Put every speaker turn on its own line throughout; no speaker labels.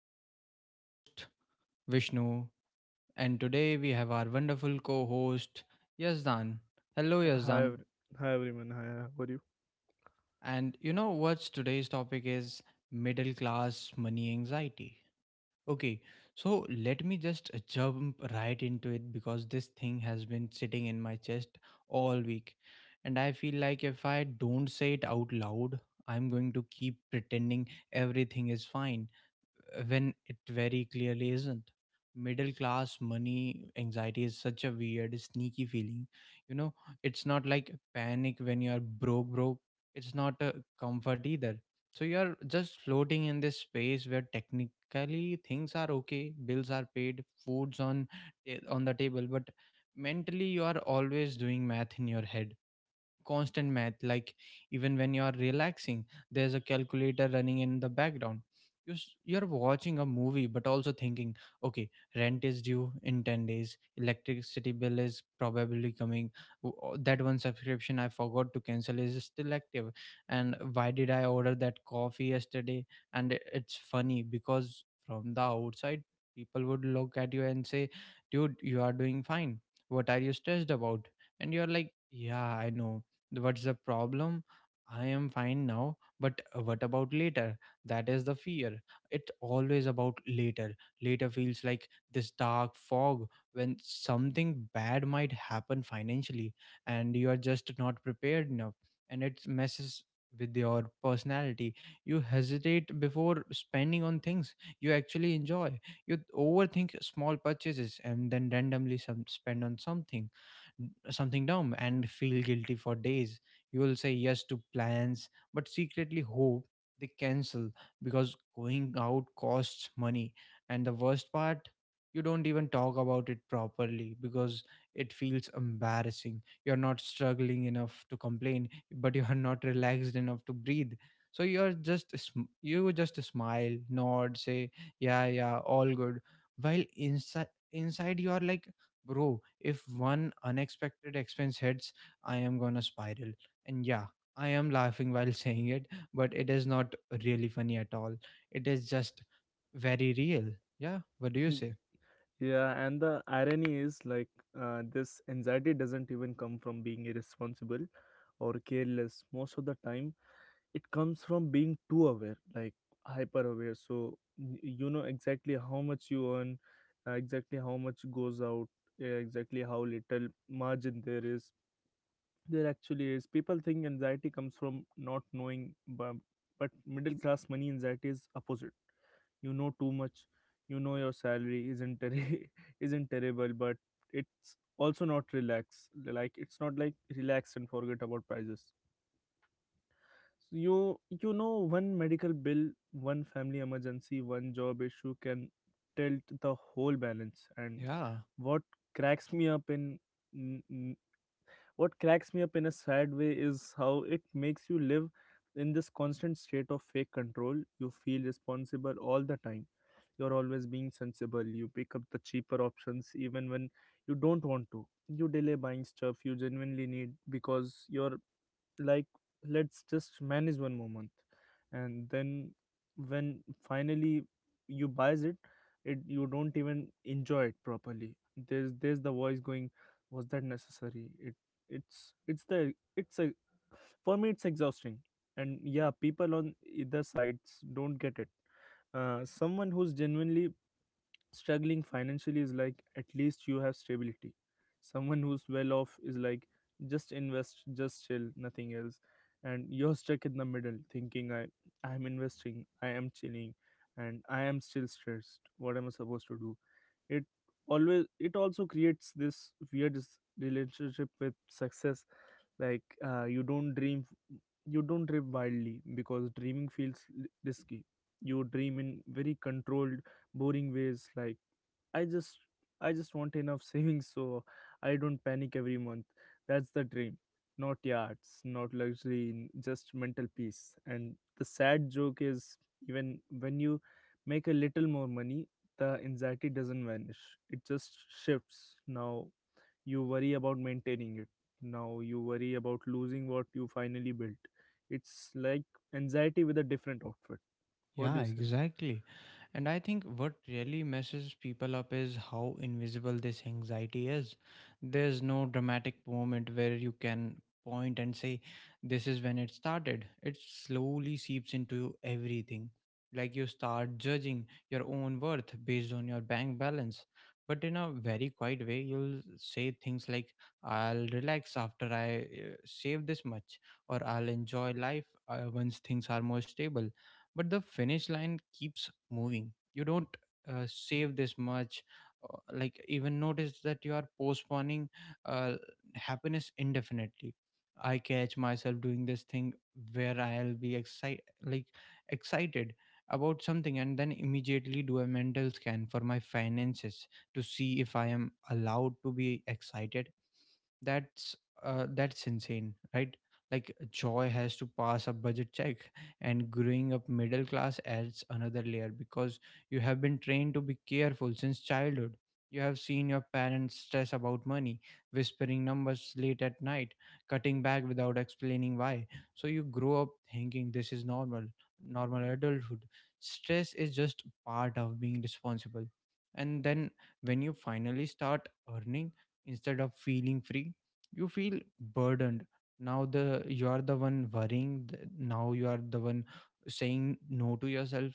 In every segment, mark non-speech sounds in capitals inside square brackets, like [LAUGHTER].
This is your host, Vishnu, and today we have our wonderful co host, Yazdan. Hello,
Uh, Hi,
Yazdan.
ev- hi everyone. Hi, how are you?
And you know what's today's topic is? Middle class money anxiety. Okay, so let me just jump right into it because this thing has been sitting in my chest all week. And I feel like if I don't say it out loud, I'm going to keep pretending everything is fine when it very clearly isn't. Middle class money anxiety is such a weird, sneaky feeling. You know, it's not like panic when you are broke, broke. It's not a comfort either. So you are just floating in this space where technically things are okay, bills are paid, food's on on the table, but mentally you are always doing math in your head, constant math. Like even when you are relaxing there's a calculator running in the background. You're watching a movie but also thinking, okay, rent is due in 10 days, electricity bill is probably coming, that one subscription I forgot to cancel is still active, and why did I order that coffee yesterday? It's funny because from the outside people would look at you and say, dude, you are doing fine, what are you stressed about? And you're like, yeah, I know. What's the problem? I am fine now, but what about later? That is the fear. It's always about later. Later feels like this dark fog when something bad might happen financially and you are just not prepared enough, and it messes with your personality. You hesitate before spending on things you actually enjoy. You overthink small purchases and then randomly some spend on something, something dumb, and feel guilty for days. You will say yes to plans, but secretly hope they cancel because going out costs money. And the worst part, you don't even talk about it properly because it feels embarrassing. You're not struggling enough to complain, but you are not relaxed enough to breathe. So you're you just smile, nod, say yeah, yeah, all good, while inside, inside you are like, bro, if one unexpected expense hits I am gonna spiral. And yeah, I am laughing [LAUGHS] while saying it, but it is not really funny at all. It is just very real. Yeah, what do you
[LAUGHS]
say?
Yeah, and the irony is like this anxiety doesn't even come from being irresponsible or careless. Most of the time, it comes from being too aware, like hyper aware. So you know exactly how much you earn, exactly how much goes out, exactly how little margin there is. There actually is. People think anxiety comes from not knowing, but middle class money anxiety is opposite. You know too much. You know your salary isn't terri [LAUGHS] isn't terrible, but it's also not relax. Like it's not like relax and forget about prices. So you know one medical bill, one family emergency, one job issue can tilt the whole balance. And
Yeah.
what cracks me up in what cracks me up in a sad way is how it makes you live in this constant state of fake control. You feel responsible all the time. You're always being sensible. You pick up the cheaper options even when you don't want to. You delay buying stuff you genuinely need because your like, let's just manage one more month. And then when finally you buys it, you don't even enjoy it properly. There's the voice going, was that necessary? It it's the it's a for me, it's exhausting. And yeah, people on either sides don't get it. Someone who's genuinely struggling financially is like, at least you have stability. Someone who's well off is like, just invest, just chill, nothing else. And you're stuck in the middle thinking, I am investing, I am chilling, and I am still stressed. What am I supposed to do? It always it also creates this weird relationship with success, like you don't dream wildly because dreaming feels risky. You dream in very controlled, boring ways, like i just I just want enough [LAUGHS] savings so I don't panic every month. That's the dream. Not yachts, not luxury, just mental peace. And the sad joke is, even when you make a little more money, the anxiety doesn't vanish. It just shifts. Now you worry about maintaining it. Now you worry about losing what you finally built. It's like anxiety with a different outfit. What do
Yeah,
you say?
exactly. And I think what really messes people up is how invisible this anxiety is. There's no dramatic moment where you can point and say, this is when it started. It slowly seeps into everything. Like you start judging your own worth based on your bank balance. But in a very quiet way, you'll say things like, I'll relax after I save this much, or I'll enjoy life once things are more stable, but the finish line keeps moving. You don't save this much. Like even notice that you are postponing uh, happiness indefinitely. I catch myself doing this thing where I'll be excited, like excited about something, and then immediately do a mental scan for my finances to see if I am allowed to be excited. That's that's insane, right? Like joy has to pass a budget check. And growing up middle class adds another layer because you have been trained to be careful since childhood. You have seen your parents stress about money, whispering numbers late at night, cutting back without explaining why. So you grow up thinking this is normal, normal adulthood stress is just part of being responsible. And then when you finally start earning, instead of feeling free, you feel burdened. Now the you are the one worrying, now you are the one saying no to yourself.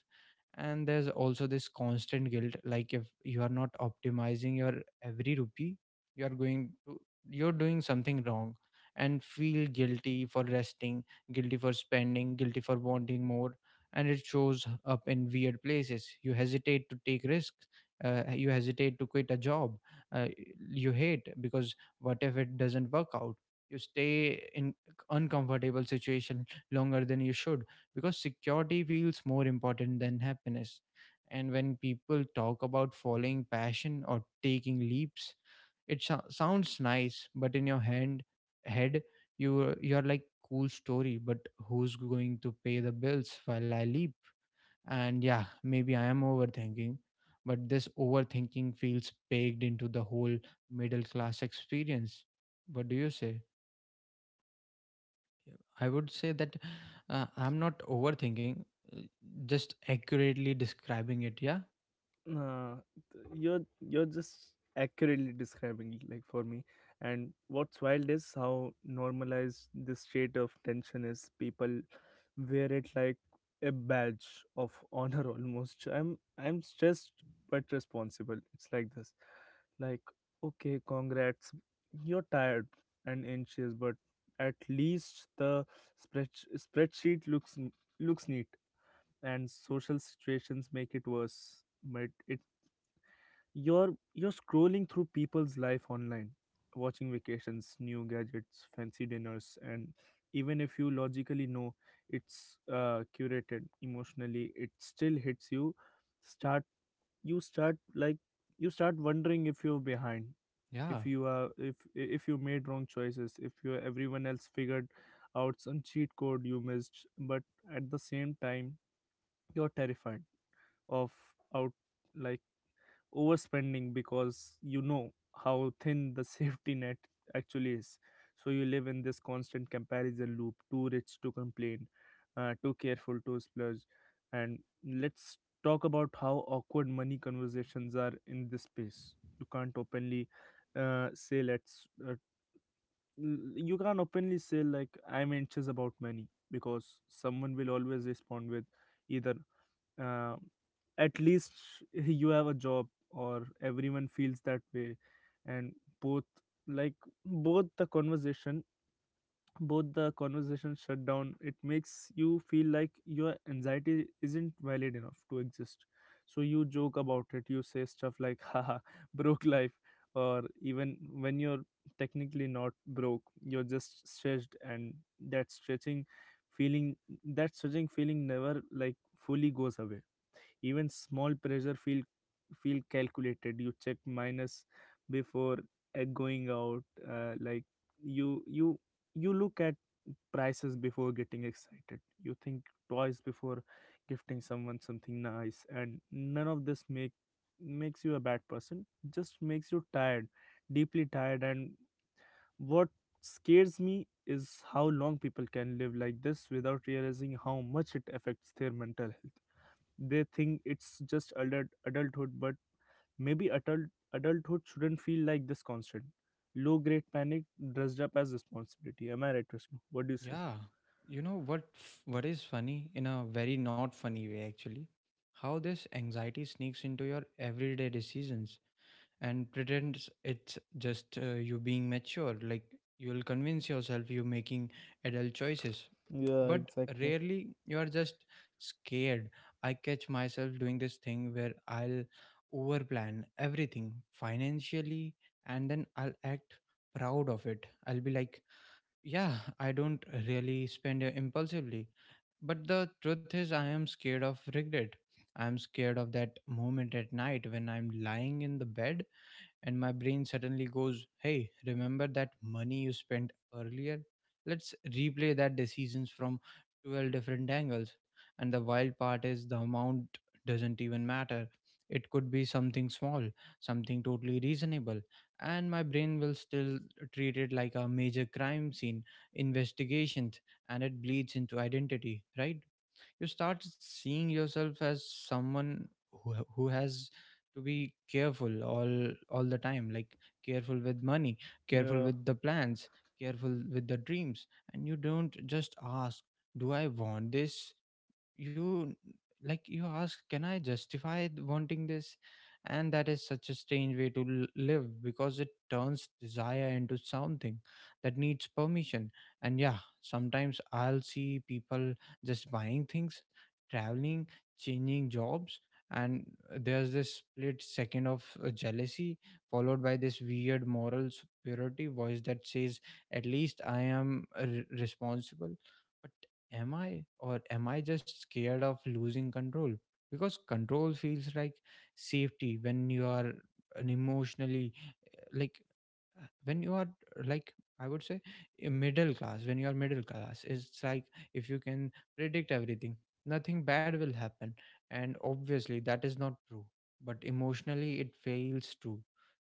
And there's also this constant guilt, like if you are not optimizing your every rupee you are going to, you're doing something wrong and feel guilty for resting, guilty for spending, guilty for wanting more. And it shows up in weird places. You hesitate to take risks, you hesitate to quit a job uh, you hate because what if it doesn't work out. You stay in uncomfortable situation longer than you should because security feels more important than happiness. And when people talk about following passion or taking leaps, it sounds nice, but in your hand head, you, you're like, cool story, but who's going to pay the bills while I leap? And yeah, maybe I am overthinking, but this overthinking feels baked into the whole middle class experience. What do you say? I would say that I'm not overthinking, uh, just accurately describing it. Yeah,
Nah, you're just accurately describing it, like for me. And what's wild is how normalized this state of tension is. People wear it like a badge of honor [LAUGHS] almost. I'm stressed but responsible. It's like this. Like, okay, congrats. You're tired and anxious, but at least the spread spreadsheet looks neat. And social situations make it worse, but it you're scrolling through people's life online, watching vacations, new gadgets, fancy dinners, and even if you logically know it's curated emotionally, it still hits you. Start you start like you start wondering if you're behind,
yeah,
if you made wrong choices, if you everyone else figured out some cheat code you missed, but at the same time you're terrified of out like overspending because you know how thin the [LAUGHS] safety net actually is. So you live in this constant comparison loop, too rich to complain, too careful to splurge. And let's talk about how awkward money conversations are in this space. You can't openly say, let's You can't openly say, like, I'm anxious about money, because someone will always respond with either, uh, at least you have a job, or everyone feels that way. And both like both the conversation both the conversation shut down. It makes you feel like your anxiety isn't valid enough to exist. So you joke about it. You say stuff like [LAUGHS] haha, broke life. Or even when you're technically not broke, you're just stretched, and that stretching feeling that stretching feeling never like fully goes away. Even small pressure feel calculated. You check minus before going out, like you you you look at prices before getting excited. You think twice before gifting someone something nice. And none of this makes you a bad person, just makes you tired, deeply tired. And what scares me is how long people can live like this without realizing how much it affects their mental health. They think it's just adulthood, but maybe adulthood shouldn't feel like this constant low grade panic dressed up as responsibility. Am I right, Vishnu? What do you say?
yeah. You know what? What is funny in a very not funny way, actually, how this anxiety sneaks into your everyday decisions and pretends it's just you being mature. Like you'll convince yourself you're making adult choices,
Yeah,
but
exactly.
rarely, you are just scared. I catch myself doing this thing where I'll overplan everything financially, and then I'll act proud of it. I'll be like, yeah, I don't really spend impulsively, but the truth is I am scared of regret. I am scared of that moment at night when I'm lying in the bed and my brain suddenly goes, hey, remember that money you spent earlier? Let's replay that decisions from 12 different angles. And the wild part is the amount doesn't even matter. It could be something small, something totally reasonable, and my brain will still treat it like a major crime scene investigation. And it bleeds into identity, right? You start seeing yourself as someone who, who has to be careful all the time. Like careful with money, careful
Yeah.
with the plans, careful with the dreams. And you don't just ask, do I want this? You Like you ask, can I justify wanting this? And that is such a strange way to live because it turns desire into something that needs permission. And yeah, sometimes I'll see people just buying things, traveling, changing jobs, and there's this split second of jealousy followed by this weird moral superiority voice that says, at least I am responsible. Am I? Or am I just scared of losing control? Because control feels like safety when you are an emotionally like when you are like I would say a middle class when you are middle class. It's like if you can predict everything, nothing bad will happen. And obviously that is not true, but emotionally it feels true.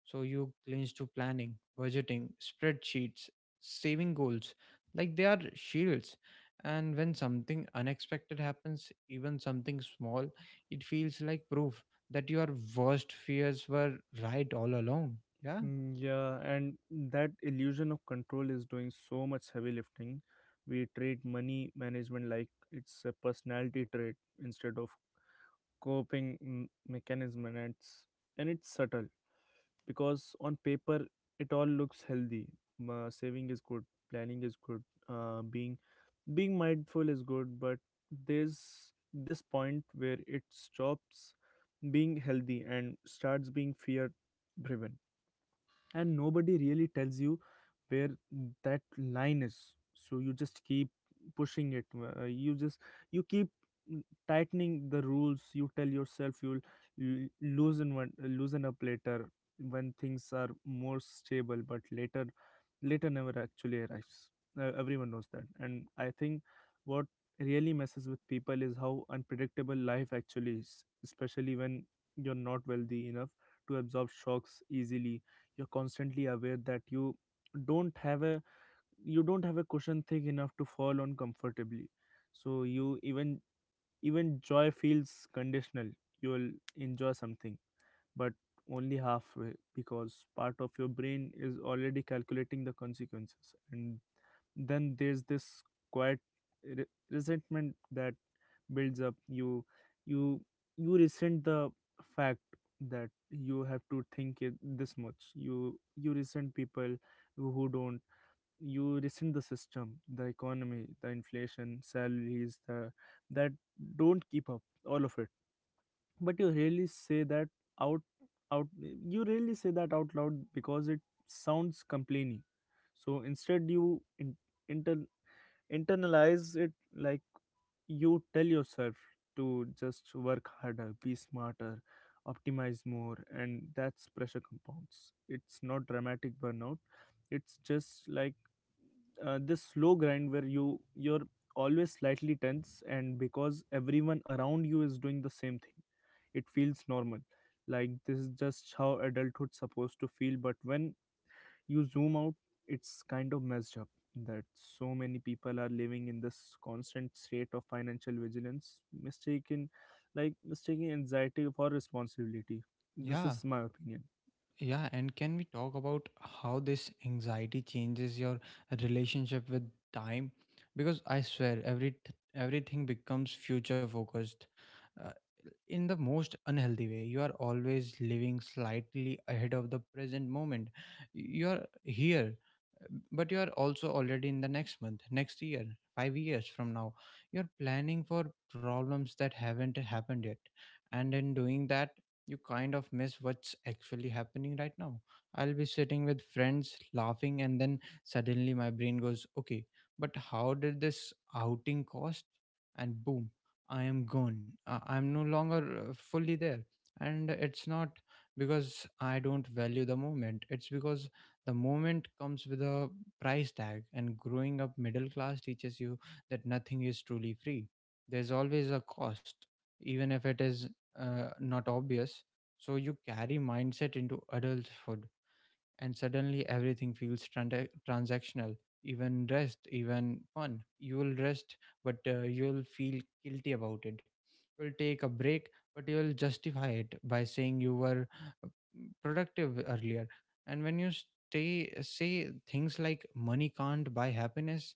So you clinch to planning, budgeting, spreadsheets, saving goals, like they are shields. And when something unexpected happens, even something small, it feels like proof that your worst fears were right all along. Yeah,
Mm, yeah, and that illusion of control is doing so much heavy lifting. We treat money management like it's a personality trait instead of coping mechanism. And it's subtle because on paper it all looks healthy. Saving is good, planning is good, uh, being being mindful is good, but there's this point where it stops being healthy and starts being fear driven, and nobody really tells you where that line is. So you just keep pushing it. You keep tightening the rules. You tell yourself you'll loosen up later when things are more stable, but later never actually arrives. Everyone knows that. And I think what really messes with people is how unpredictable life actually is, especially when you're not wealthy enough to absorb shocks easily. You're constantly aware that don't have a you don't have a cushion thick enough to fall on comfortably. So you even even joy feels conditional. You'll enjoy something but only halfway because part of your brain is already calculating the consequences. And then there's this quiet resentment that builds up. You, you resent the fact that you have to think it this much. You resent people who don't. You resent the system, the economy, the inflation, salaries, the that don't keep up, all of it. But out you rarely say that out loud because it sounds complaining. So instead you inter, internalize it, like you tell yourself to just work harder, be smarter, optimize more, and that's pressure compounds. It's not dramatic burnout. It's just like, this slow grind where you're always slightly tense, and because everyone around you is doing the same thing, it feels normal. Like this is just how adulthood's supposed to feel. But when you zoom out, it's kind of messed up that so many people are living in this constant state of financial vigilance, mistaken like mistaking anxiety for responsibility. This
yeah,
is my opinion.
yeah. And can we talk about how this anxiety changes your relationship with time? Because I swear, everything becomes future focused in the most unhealthy way. You are always living slightly ahead of the present moment. You are here, but you are also already in the next month, next year, 5 years from now. You're planning for problems that haven't happened yet, and in doing that you kind of miss what's actually happening right now. I'll be sitting with friends laughing, and then suddenly my brain goes, okay, but how did this outing cost? And boom, I am gone. I'm no longer fully there. And it's not because I don't value the moment, it's because the moment comes with a price tag. And growing up middle class teaches you that nothing is truly free. There's always a cost, even if it is not obvious. So you carry mindset into adulthood and suddenly everything feels transactional, even rest, even fun. You will rest, but you will feel guilty about it. You'll take a break, but you'll justify it by saying you were uh, productive earlier. And when you stay say things like money can't buy happiness,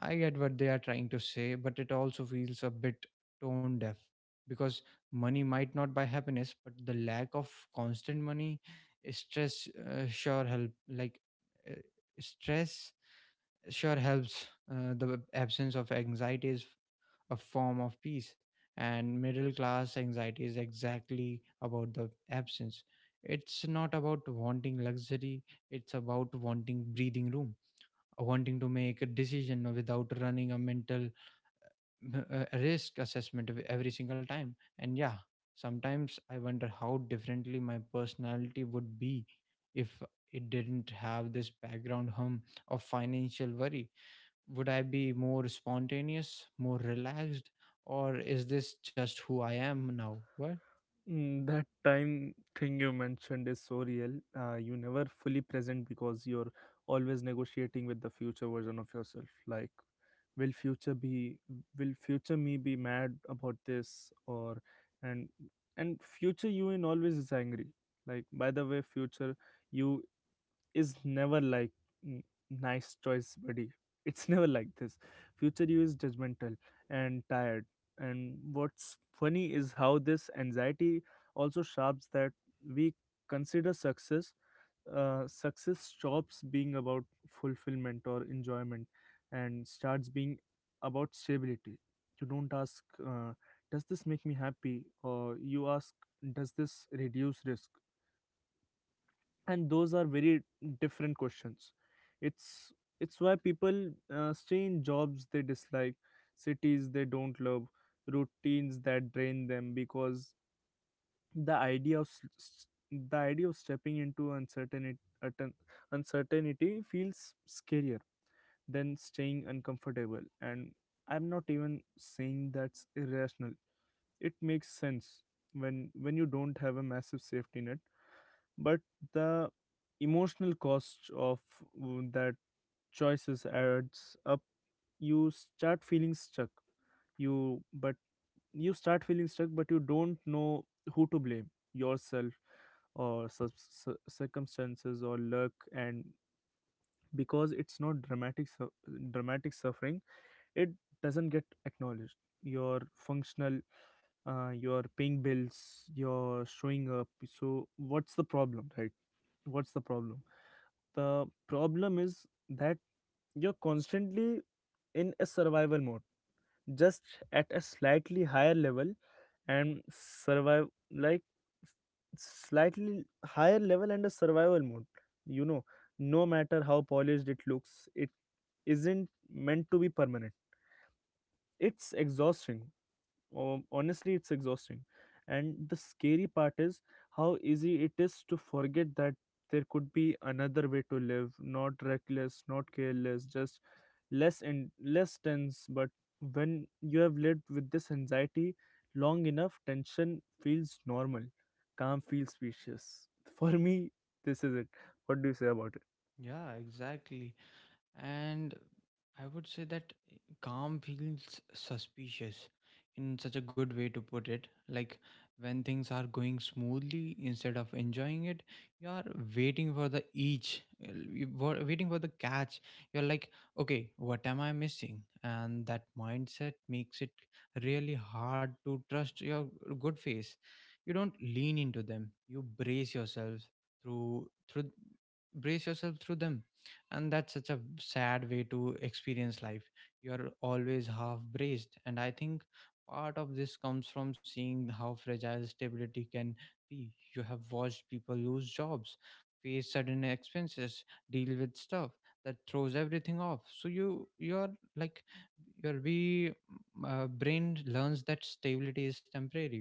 I get what they are trying to say, but it also feels a bit tone deaf. Because money might not buy happiness, but the lack of constant money, stress sure help. Like uh, stress sure helps. The absence of anxiety is a form of peace, and middle class anxiety is exactly about the absence. It's not about wanting luxury; it's about wanting breathing room, wanting to make a decision without running a mental risk assessment every single time. And yeah, sometimes I wonder how differently my personality would be if it didn't have this background hum of financial worry. Would I be more spontaneous, more relaxed, or is this just who I am now? What?
Mm, that time thing you mentioned is so real. You never fully present because you're always negotiating with the future version of yourself, like, will future be will future me be mad about this? Or and and future you in always is angry. Like, by the way, future you is never like, "Mm, nice choice buddy." [LAUGHS] It's never like this. Future you is judgmental and tired. And what's funny is how this anxiety also sharps that we consider success. Success stops being about fulfillment or enjoyment and starts being about stability. You don't ask, does this make me happy? Or you ask, does this reduce risk? And those are very different questions. It's it's why people stay in jobs they dislike, cities they don't love, routines that drain them because the idea of s- s- the idea of stepping into uncertainty feels scarier than staying uncomfortable. And I'm not even saying that's irrational. It makes sense when you don't have a massive safety net, but the emotional cost of that choices adds up. You start feeling stuck. You but you start feeling stuck, but you don't know who to blame, yourself or circumstances or luck. And because it's not dramatic suffering, it doesn't get acknowledged. You're functional. You're paying bills, you're showing up, so what's the problem, right? what's the problem The problem is that you're constantly in a survival mode, just at a slightly higher level. and survive like and a survival mode You know, no matter how polished it looks, it isn't meant to be permanent. It's exhausting. Honestly, it's exhausting, and the scary part is how easy it is to forget that there could be another way to live. Not reckless, not careless, just less and less tense. But when you have lived with this anxiety long enough, tension feels normal, calm feels spacious. [LAUGHS] For me, this is it. What do you say about it?
Yeah, exactly. And I would say that calm feels suspicious. In such a good way to put it, like when things are going smoothly, instead of enjoying it, you are waiting for the waiting for the catch. You're like, okay, what am I missing? And that mindset makes it really hard to trust your good face. You don't lean into them, you brace yourself through through brace yourself through them And that's such a sad way to experience life. You're always half braced. And I think part of this comes from seeing how fragile stability can be. You have watched people lose jobs, face sudden expenses, deal with stuff that throws everything off. So you're like, your we brain learns that stability is temporary,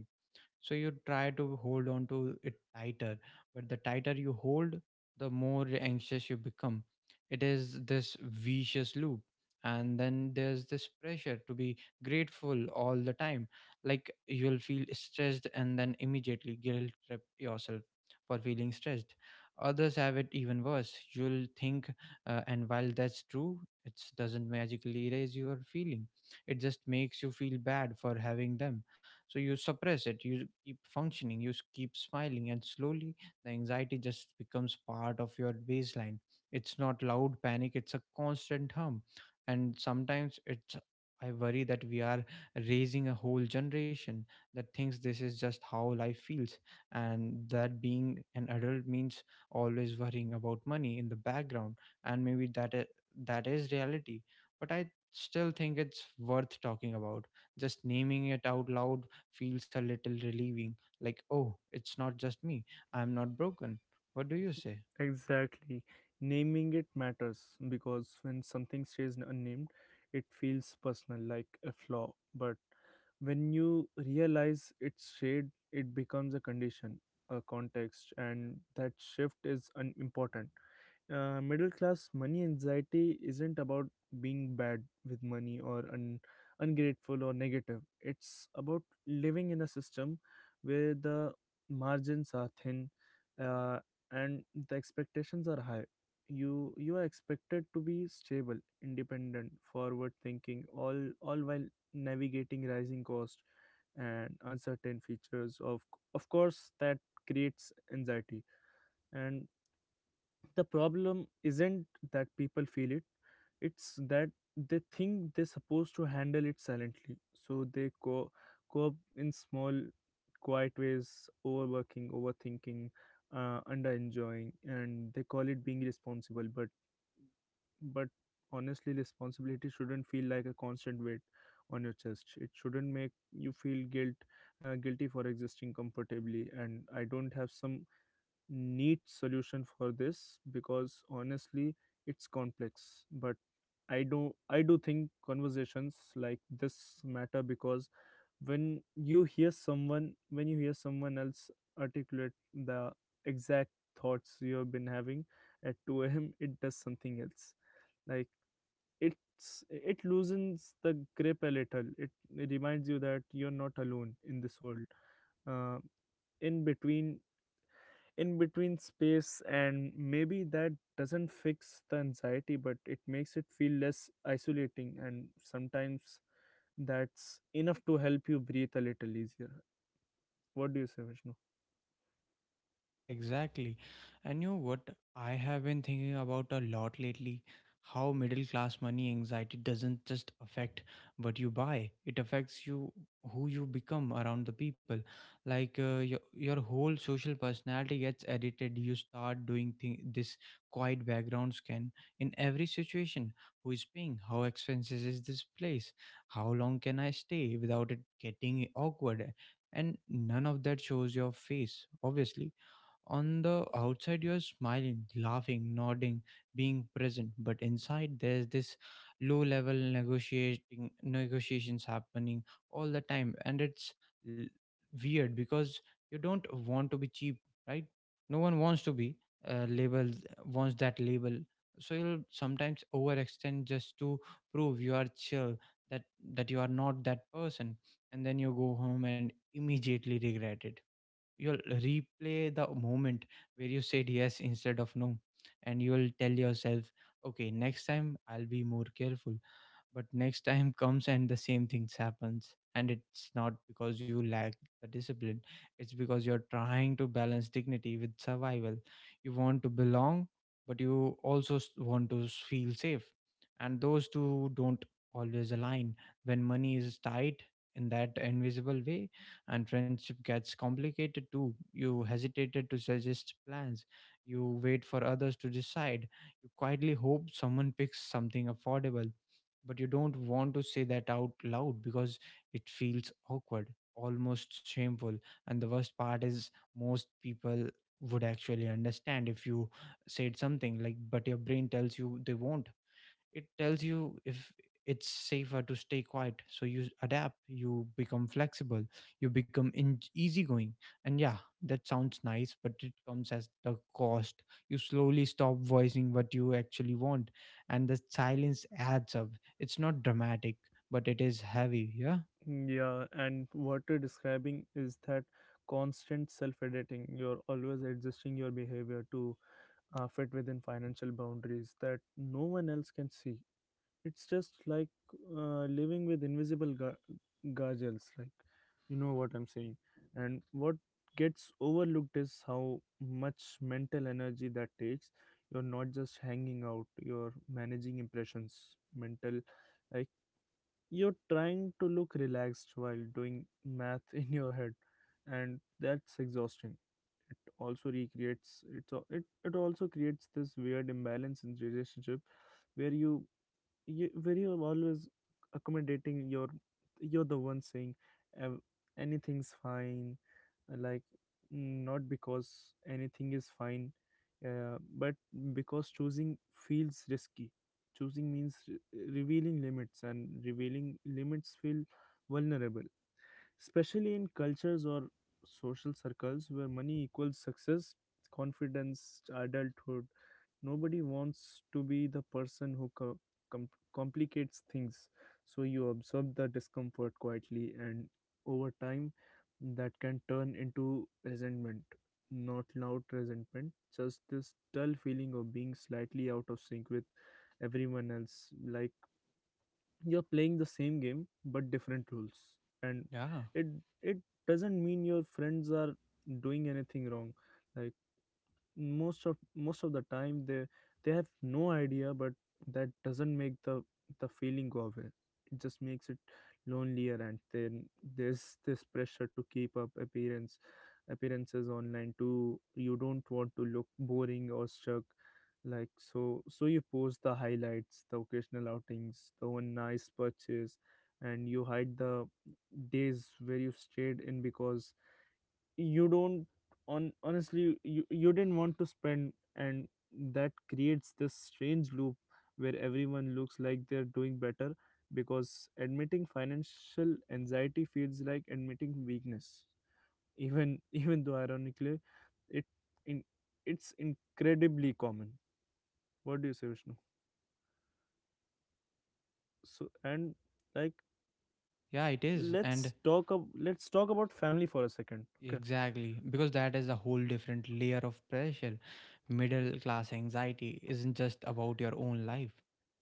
so you try to hold on to it tighter. But the tighter you hold, the more anxious you become. It is this vicious loop. And then there's this pressure to be grateful all the time. Like, you'll feel stressed and then immediately guilt trip yourself for feeling stressed. Others have it even worse, you'll think. And while that's true, it doesn't magically erase your feeling, it just makes you feel bad for having them. So you suppress it, you keep functioning, you keep smiling, and slowly the anxiety just becomes part of your baseline. It's not loud panic, it's a constant hum. And sometimes it's, I worry that we are raising a whole generation that thinks this is just how life feels, and that being an adult means always worrying about money in the background. And maybe that is reality, but I still think it's worth talking about. Just naming it out loud feels a little relieving, like, oh, it's not just me, I'm not broken. What do you say?
Exactly. Naming it matters because when something stays unnamed, it feels personal, like a flaw. But when you realize it's shade, it becomes a condition, a context, and that shift is important. Middle class money anxiety isn't about being bad with money or ungrateful or negative. It's about living in a system where the margins are thin, uh, and the expectations are high. You are expected to be stable, independent, forward thinking, all while navigating rising cost and uncertain features of course that creates anxiety. And the problem isn't that people feel it, it's that they think they're supposed to handle it silently, so they cope in small, quiet ways: overworking, overthinking, under enjoying, and they call it being responsible. But honestly, responsibility shouldn't feel like a constant weight on your chest. It shouldn't make you feel guilty for existing comfortably. And I don't have some neat solution for this because honestly, it's complex. But I do think conversations like this matter, because when you hear someone else articulate the exact thoughts you've been having at 2 a.m. [LAUGHS] it does something else. Like, it loosens the grip a little. It reminds you that you're not alone in this world, uh, in between in between space, and maybe that doesn't fix the anxiety, but it makes it feel less isolating, and sometimes that's enough to help you breathe a little easier. What do you say, Vishnu?
Yeah, exactly. And you know what? I have been thinking about a lot lately how middle class money anxiety doesn't just affect what you buy, it affects you, who you become around the people. Like your whole social personality gets edited. You start this quiet background scan in every situation. Who is paying? How expensive is this place? How long can I stay without it getting awkward? And none of that shows your face. Obviously, on the outside, you're smiling, laughing, nodding, being present, but inside, there's this low level negotiating negotiations happening all the time. And it's l- weird, because you don't want to be cheap, right? No one wants to be uh, labeled, wants that label. So you'll sometimes overextend just to prove you are chill, that that you are not that person. And then you go home and immediately regret it. You'll replay the moment where you said yes instead of no, and you'll tell yourself, okay, next time I'll be more careful. But next time comes and the same things happens. And it's not because you lack the discipline, it's because you're trying to balance dignity with survival. You want to belong, but you also want to feel safe. And those two don't always align when money is tight in that invisible way. And friendship gets complicated too. You hesitated to suggest plans, you wait for others to decide, you quietly hope someone picks something affordable, but you don't want to say that out loud because it feels awkward, almost shameful. And the worst part is, most people would actually understand if you said something. Like, but your brain tells you they won't. It tells you if it's safer to stay quiet, so you adapt, you become flexible, you become easygoing. And yeah, that sounds nice, but it comes as the cost. You slowly stop voicing what you actually want, and the silence adds up. It's not dramatic, but it is heavy. Yeah.
Yeah, and what you're describing is that constant self editing. You're always adjusting your behavior to fit within financial boundaries that no one else can see. It's just like living with invisible gargles, like, you know what I'm saying. And what gets overlooked is how much mental energy that takes. You're not just hanging out, you're managing impressions, mental uh, you're trying to look relaxed while doing math in your head, and that's exhausting. It also recreates it's al- it also creates this weird imbalance in relationship, where you, where you're always accommodating. Your You're the one saying, "Ev- Anything's fine," like, not because anything is fine, but because choosing feels risky. Choosing means revealing limits, and revealing limits feel vulnerable, especially in cultures or social circles where money equals success, confidence, adulthood. Nobody wants to be the person who com- complicates things. So you absorb the discomfort quietly, and over time, that can turn into resentment. Not loud resentment, just this dull feeling of being slightly out of sync with everyone else. Like you're playing the same game but different rules, and
Yeah.
it it doesn't mean your friends are doing anything wrong. Like, most of the time they have no idea, but that doesn't make the feeling go away. It just makes it lonelier. And then there's this pressure to keep up appearances online too. You don't want to look boring or stuck, like, so you post the highlights, the occasional outings, the one nice purchase, and you hide the days where you stayed in because you don't on honestly you didn't want to spend. And that creates this strange loop where everyone looks like they're doing better, because admitting financial anxiety feels like admitting weakness, even [LAUGHS] even though, ironically, it in it's incredibly common. What do you say, Vishnu? So, and, like,
Yeah, it is. And
let's talk about family for a second, okay.
exactly, because that is a whole different layer of pressure. Middle class anxiety isn't just about your own life,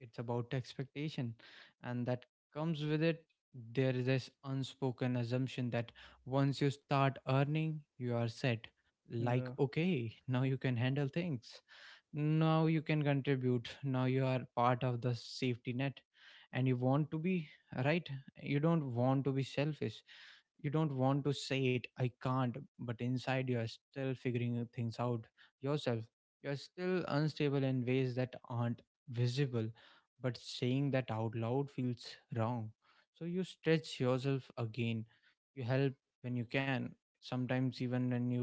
it's about expectation. And that comes with it. There is this unspoken assumption that once you start earning, you are set. Like,
Yeah.
okay, now you can handle things, now you can contribute, now you are part of the safety net. And you want to be, right? You don't want to be selfish, you don't want to say it, I can't. But inside you are still figuring things out yourself. You're still unstable in ways that aren't visible, but saying that out loud feels wrong. So you stretch yourself again. You help when you can, sometimes even when you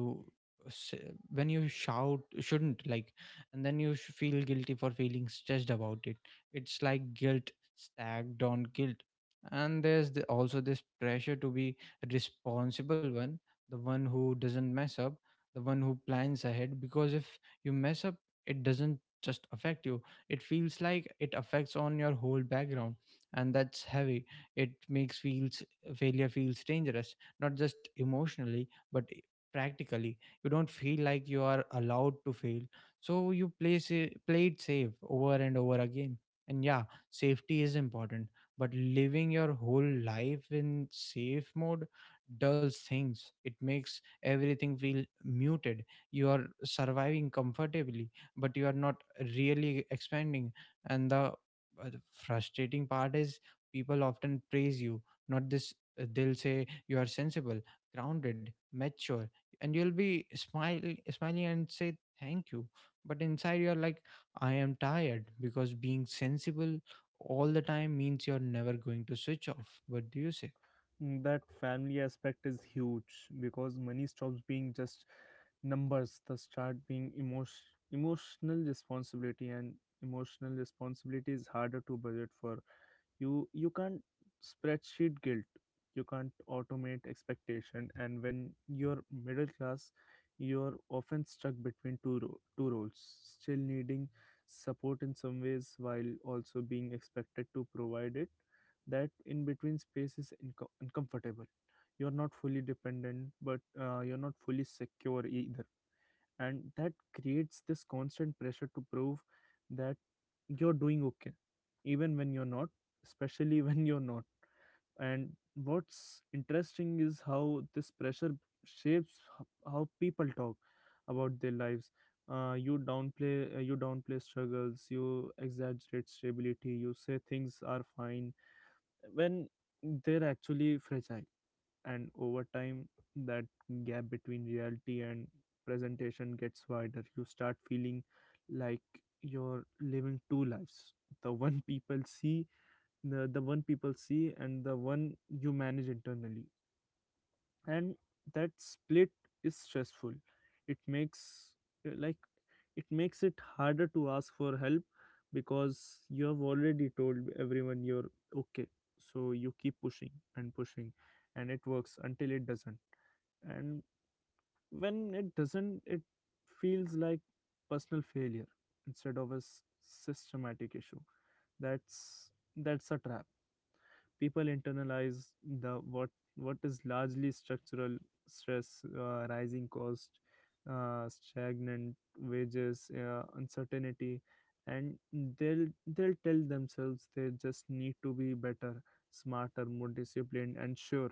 s- when you shout shouldn't. Like, and then you feel guilty for feeling stressed about it. It's like guilt stacked on guilt. And there's also this pressure to be a responsible one, the one who doesn't mess up, the one who plans ahead. Because if you mess up, it doesn't just affect you, it feels like it affects on your whole background. And that's heavy. It makes feels failure feels dangerous, not just emotionally but practically. You don't feel like you are allowed to fail, so you play it safe over and over again. And yeah, safety is important, but living your whole life in safe mode dulls things. It makes everything feel muted. You are surviving comfortably, but you are not really expanding. And the frustrating part is people often praise you, not this. They'll say you are sensible, grounded, mature, and you'll be smiling and say thank you. But inside you're like, I am tired, because being sensible all the time means you're never going to switch off. What do you say?
That family aspect is huge, because money stops being just numbers. The start being emotional responsibility, and emotional responsibility is harder to budget for. You can't spreadsheet guilt, you can't automate expectation. And when you're middle class, you're often stuck between two roles, still needing support in some ways while also being expected to provide it. That in between space is uncomfortable. You're not fully dependent, but you're not fully secure either, and that creates this constant pressure to prove you're doing okay even when you're not, especially [LAUGHS] when you're not. And what's interesting is how this pressure shapes how people talk about their lives. You downplay struggles, you exaggerate stability, you say things are fine when they're actually fragile. And over time, that gap between reality and presentation gets wider. You start feeling like you're living two lives: the one people see the one people see, and the one you manage internally. And that split is stressful. It makes like it makes it harder to ask for help, because you have already told everyone you're okay, so you keep pushing and pushing, and it works until it doesn't. And when it doesn't, it feels like personal failure instead of a systematic issue. That's that's a trap. People internalize the what is largely structural stress: rising cost, stagnant wages, uncertainty. And they'll tell themselves they just need to be better, smarter, more disciplined. And sure,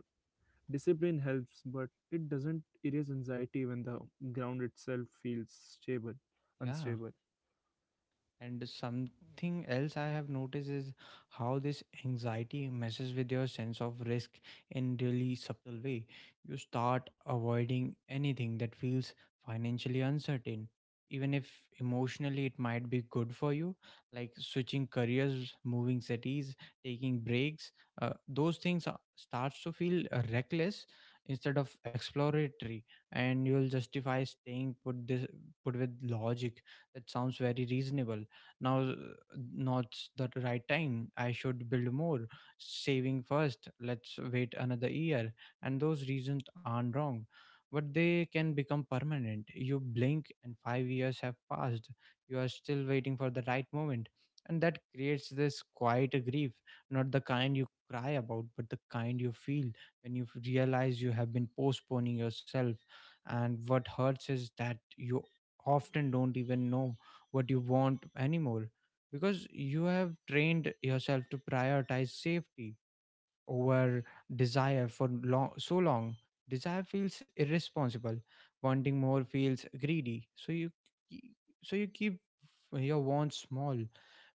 discipline helps, but it doesn't erase anxiety when the ground itself feels
Yeah.
unstable.
And something else I have noticed is how this anxiety messes with your sense of risk in really subtle way. You start avoiding anything that feels financially uncertain, even if emotionally it might be good for you, like switching careers, moving cities, taking breaks. Those things are- starts to feel reckless instead of exploratory. And you'll justify staying put this put with logic that sounds very reasonable now. Not the right time, I should build more saving first, let's wait another year. And those reasons aren't wrong, but they can become permanent. You blink and 5 years have passed, you are still waiting for the right moment. And that creates this quiet grief, not the kind you cry about, but the kind you feel when you realize you have been postponing yourself. And what hurts is that you often don't even know what you want anymore, because you have trained yourself to prioritize safety over desire for long, so long. Desire feels irresponsible, wanting more feels greedy. So you ke- keep your wants small,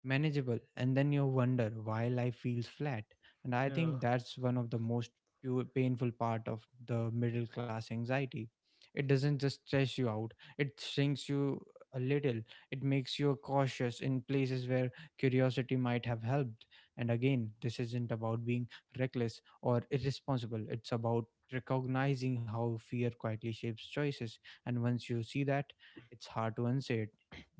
manageable, and then you wonder why life feels flat. And I
Yeah,
think that's one of the most painful part of the middle class anxiety. It doesn't just stress you out, it shrinks you a little. It makes you cautious in places where curiosity might have helped. And again, this isn't about being reckless or irresponsible, it's about recognizing how fear quietly shapes choices. And once you see that, it's hard to unsay it,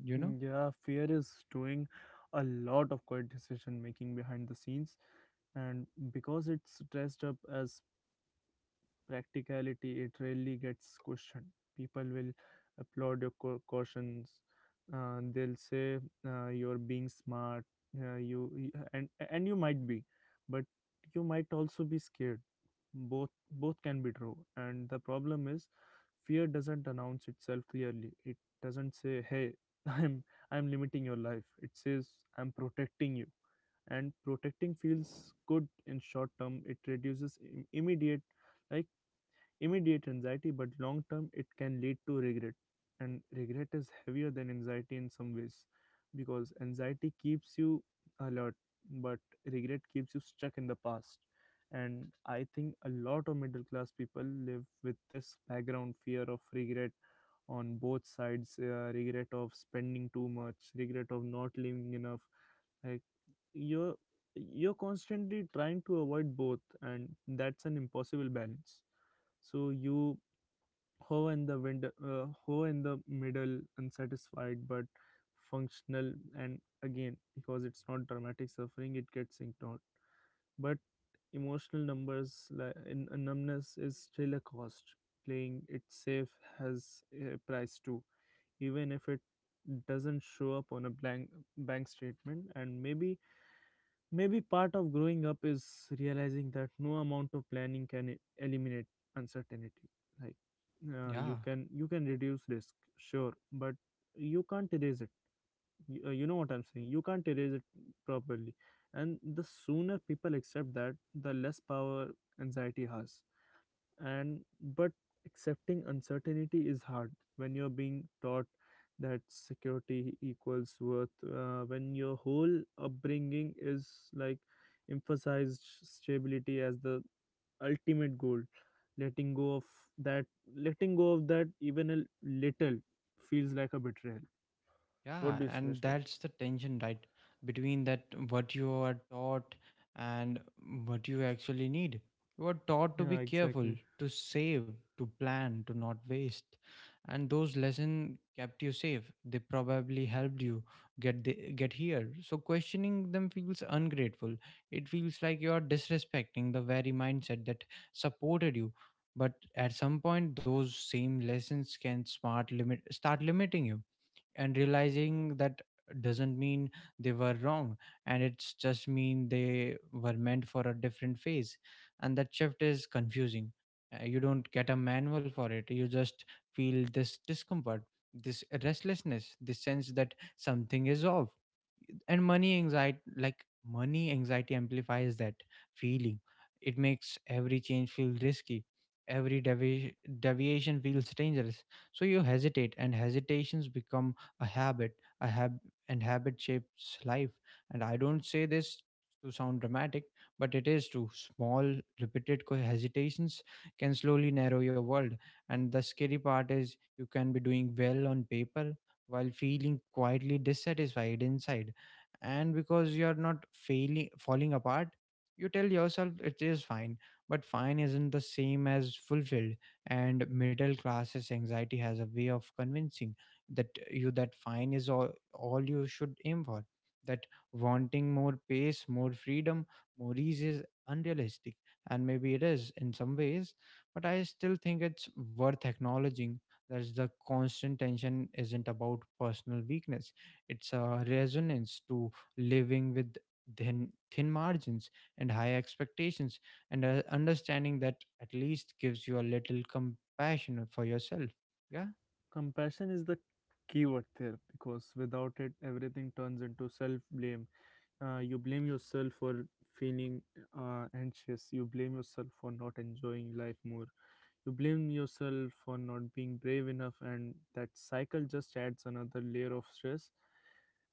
you know?
yeah, fear is doing a lot of quiet decision making behind the scenes, and because it's dressed up as practicality, it rarely gets questioned. People will applaud your cautions. They'll say, you're being smart, and you might be, but you might also be scared. Both can be true. And the problem is, fear doesn't announce itself clearly. It doesn't say, "Hey, [LAUGHS] i'm I'm limiting your life." It says, "I'm protecting you." And protecting feels good in short term. It reduces like immediate anxiety, but long term it can lead to regret. And regret is heavier than anxiety in some ways, because anxiety keeps you alert, but regret keeps you stuck in the past. And I think a lot of middle class people live with this background fear of regret on both sides: regret of spending too much, regret of not living enough. Like, you're you're constantly trying to avoid both, and that's an impossible balance. So you ho in the middle, unsatisfied but functional. And again, because it's not dramatic suffering, it gets ignored. But emotional numbers, like in numbness is still a cost. Playing it safe has a price too, even if it doesn't show up on a blank bank statement. And maybe part of growing up is realizing that no amount of planning can eliminate uncertainty. Like,
Yeah.
you can reduce risk, sure, but you can't erase it. You know what I'm saying. You can't erase it properly, and the sooner people accept that, the less power anxiety has. And But accepting uncertainty is hard when you're being taught that security equals worth, when your whole upbringing is, like, emphasized stability as the ultimate goal. letting go of that Letting go of that even a little feels like a betrayal. What
Yeah,
do you say,
and
Vishnu?
that's the tension, right? Between that, what you are taught and what you actually need. You are taught to be
Yeah,
careful,
exactly.
to save, to plan, to not waste. And those lessons kept you safe. They probably helped you get here. So questioning them feels ungrateful. It feels like you are disrespecting the very mindset that supported you. But at some point, those same lessons can smart limit start limiting you. And realizing that doesn't mean they were wrong, and it's just mean they were meant for a different phase. And that shift is confusing. You don't get a manual for it, you just feel this discomfort, this restlessness, this sense that something is off. And money anxiety amplifies that feeling. It makes every change feel risky, every deviation feels dangerous. So you hesitate, and hesitations become a habit, a hab and habit shapes life. And I don't say this to sound dramatic, but it is true. Small repeated hesitations can slowly narrow your world. And the scary part is you can be doing well on paper while feeling quietly dissatisfied inside. And because you're not failing falling apart, you tell yourself it is fine. But fine isn't the same as fulfilled. And middle classes anxiety has a way of convincing that you that fine is all you should aim for, that wanting more pace, more freedom, more ease is unrealistic. And maybe it is in some ways, but I still think it's worth acknowledging that the constant tension isn't about personal weakness, it's a resonance to living with thin margins and high expectations. And understanding that at least gives you a little compassion for yourself. Yeah,
Compassion is the key word there, because without it, everything turns into self blame. You blame yourself for feeling anxious, you blame yourself for not enjoying life more, you blame yourself for not being brave enough, and that cycle just adds another layer of stress.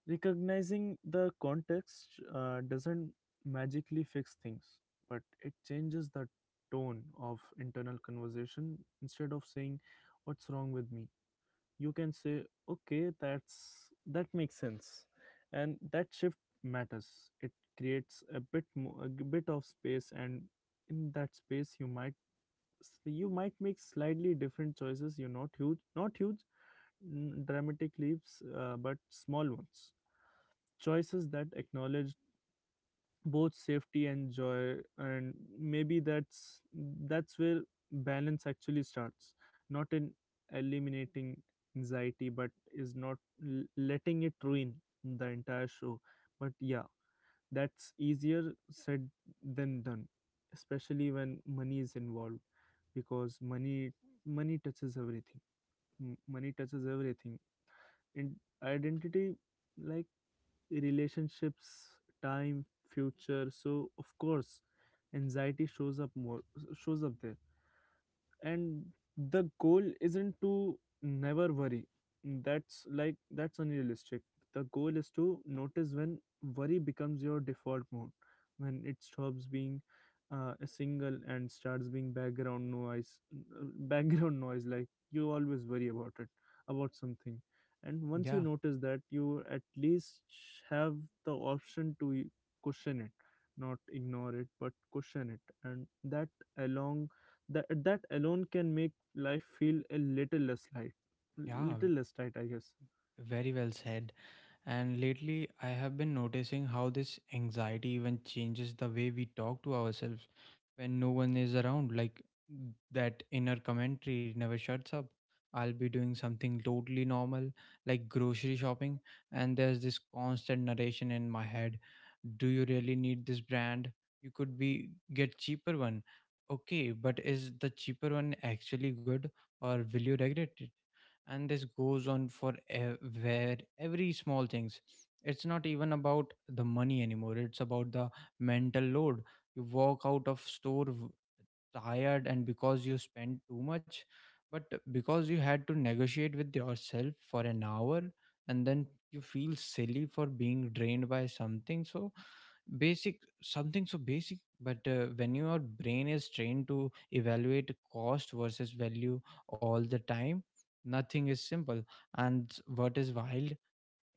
Recognizing the context doesn't magically fix things, but it changes the tone of internal conversation. Instead of saying, "What's wrong with me?" you can say, "Okay, that makes sense." And that shift matters. It creates a bit of space, and in that space, you might make slightly different choices. You not huge dramatic leaps, but small ones, choices that acknowledge both safety and joy. And maybe that's where balance actually starts: not in eliminating anxiety, but is not letting it ruin the entire show. But yeah, that's easier said than done, especially when money is involved, because money touches everything. Money touches everything, and identity, like relationships, time, future. So of course anxiety shows up there. And the goal isn't to never worry. That's that's unrealistic. The goal is to notice when worry becomes your default mode, when it stops being a single and starts being background noise. [LAUGHS] Background noise, like, you always worry about something. And once you
yeah,
notice that, you at least have the option to question it, not ignore it, but question it. And that along that that alone can make life feel a little less light,
yeah.
little less tight, I guess.
Very well said. And lately, I have been noticing how this anxiety even changes the way we talk to ourselves when no one is around. Like, that inner commentary never shuts up. I'll be doing something totally normal, like grocery shopping, and there's this constant narration in my head. Do you really need this brand? You could be get cheaper one. Okay, but is the cheaper one actually good or will you regret it? And this goes on for ev- where every small things, it's not even about the money anymore, it's about the mental load. You walk out of store tired and because you spent too much, but because you had to negotiate with yourself for an hour, and then you feel silly for being drained by something so basic. But when your brain is trained to evaluate cost versus value all the time, nothing is simple. And what is wild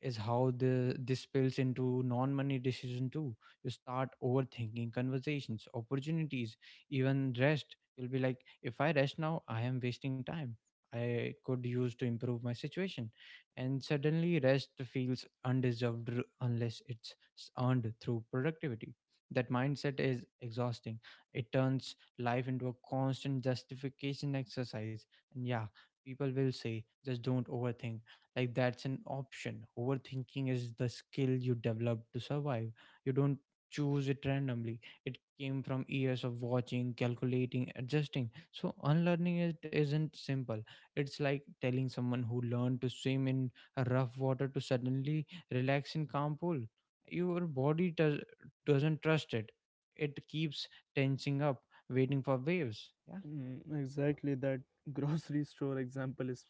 is how the this spills into non-money decision too. You start overthinking conversations, opportunities, even rest. You'll be like, if I rest now, I am wasting time. I could use to improve my situation, and suddenly rest feels undeserved unless it's earned through productivity. That mindset is exhausting. It turns life into a constant justification exercise. And yeah, people will say, just don't overthink, like that's an option. Overthinking is the skill you develop to survive. You don't choose it randomly, it came from years of watching, calculating, adjusting, so unlearning it isn't simple. It's like telling someone who learned to swim in a rough water to suddenly relax in calm pool. Your body doesn't trust it, it keeps tensing up waiting for waves. Yeah,
Exactly, that [LAUGHS] grocery store example is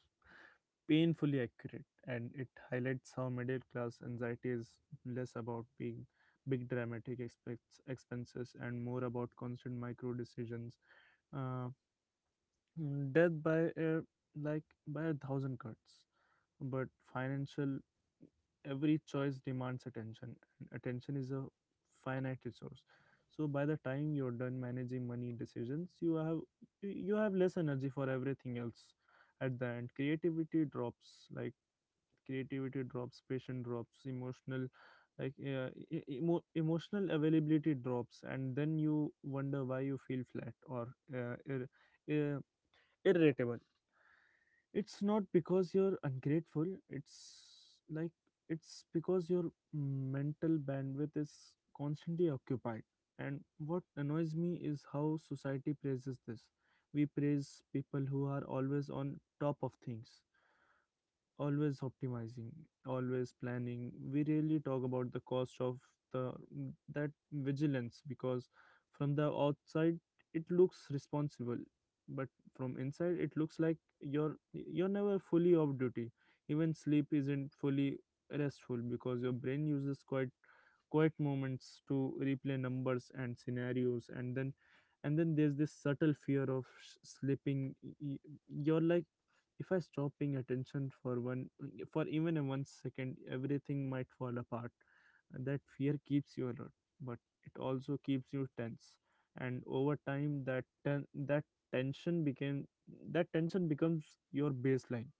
painfully accurate, and it highlights how middle class anxiety is less about being big dramatic expenses and more about constant micro decisions. Uh, Death by a like by a thousand cuts, but financial. Every choice demands attention, and attention is a finite resource. So by the time you're done managing money decisions, you have less energy for everything else. At the end, creativity drops, patient drops, emotional, like e- e, emo- emotional availability drops, and then you wonder why you feel flat or uh, irritable. It's not because you're ungrateful, it's it's because your mental bandwidth is constantly occupied. And what annoys me is how society praises this. We praise people who are always on top of things, always optimizing, always planning. We rarely talk about the cost of the that vigilance, because from the outside it looks responsible, but from inside it looks like you're never fully off duty. Even sleep isn't fully restful because your brain uses quite quiet moments to replay numbers and scenarios, and then there's this subtle fear of slipping. You're like, if I stop paying attention for one for even a 1 second, everything might fall apart. That fear keeps you alert, but it also keeps you tense. And over time, that tension became that tension becomes your baseline.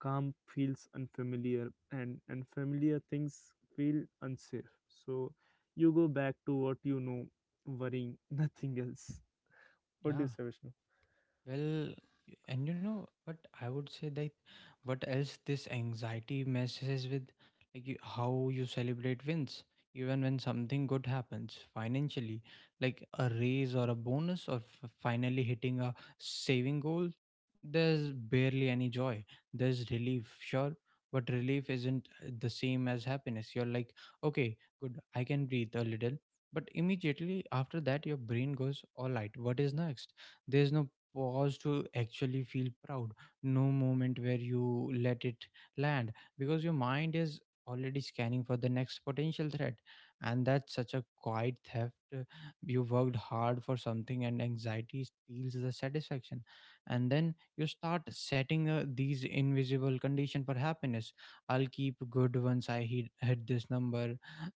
Calm feels unfamiliar, and unfamiliar things feel unsafe. So you go back to what you know, worrying [LAUGHS] nothing else. What do you
yeah.
say, Vishnu?
Well, and you know what, I would say that what else this anxiety messes with, like you, how you celebrate wins. Even when something good happens financially, like a raise or a bonus or finally hitting a saving goal, there's barely any joy. There's relief, sure, but relief isn't the same as happiness. You're like, okay, good, I can breathe a little, but immediately after that your brain goes, all right, what is next? There's no pause to actually feel proud, no moment where you let it land, because your mind is already scanning for the next potential threat. And that's such a quiet theft. You worked hard for something and anxiety steals the satisfaction. And then you start setting these invisible condition for happiness. I'll keep good once I hit this number,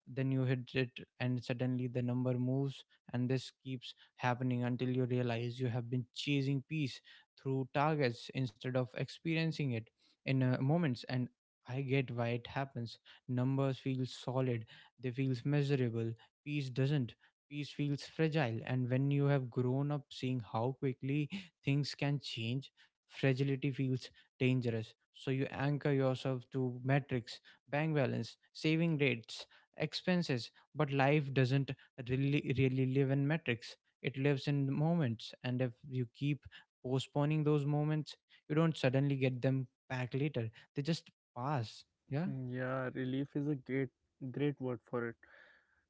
then you hit it and suddenly the number moves. And this keeps happening until you realize you have been chasing peace through targets instead of experiencing it in moments. And I get why it happens. Numbers feel solid, they feel measurable. Peace doesn't. Peace feels fragile. And when you have grown up seeing how quickly things can change, fragility feels dangerous. So you anchor yourself to metrics, bank balance, saving rates, expenses. But life doesn't really live in metrics, it lives in the moments. And if you keep postponing those moments, you don't suddenly get them back later, they just pass. Yeah,
Yeah, relief is a great word for it.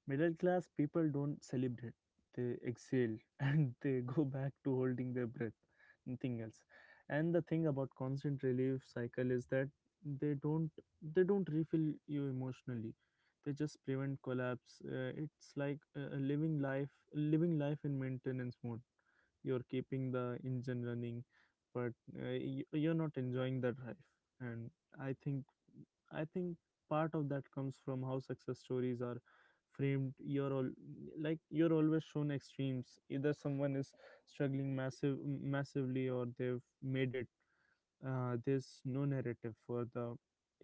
Middle class people don't celebrate, they exhale [LAUGHS] and they go back to holding their breath, nothing else. And the thing about constant relief cycle is that they don't they don't refill you emotionally. They just prevent collapse. It's like living life in maintenance mode. You're keeping the engine running, but you're not enjoying the drive. And i think I think part of that comes from how success stories are framed. You're all like You're always shown extremes: either someone is struggling massively or they've made it. There's no narrative for the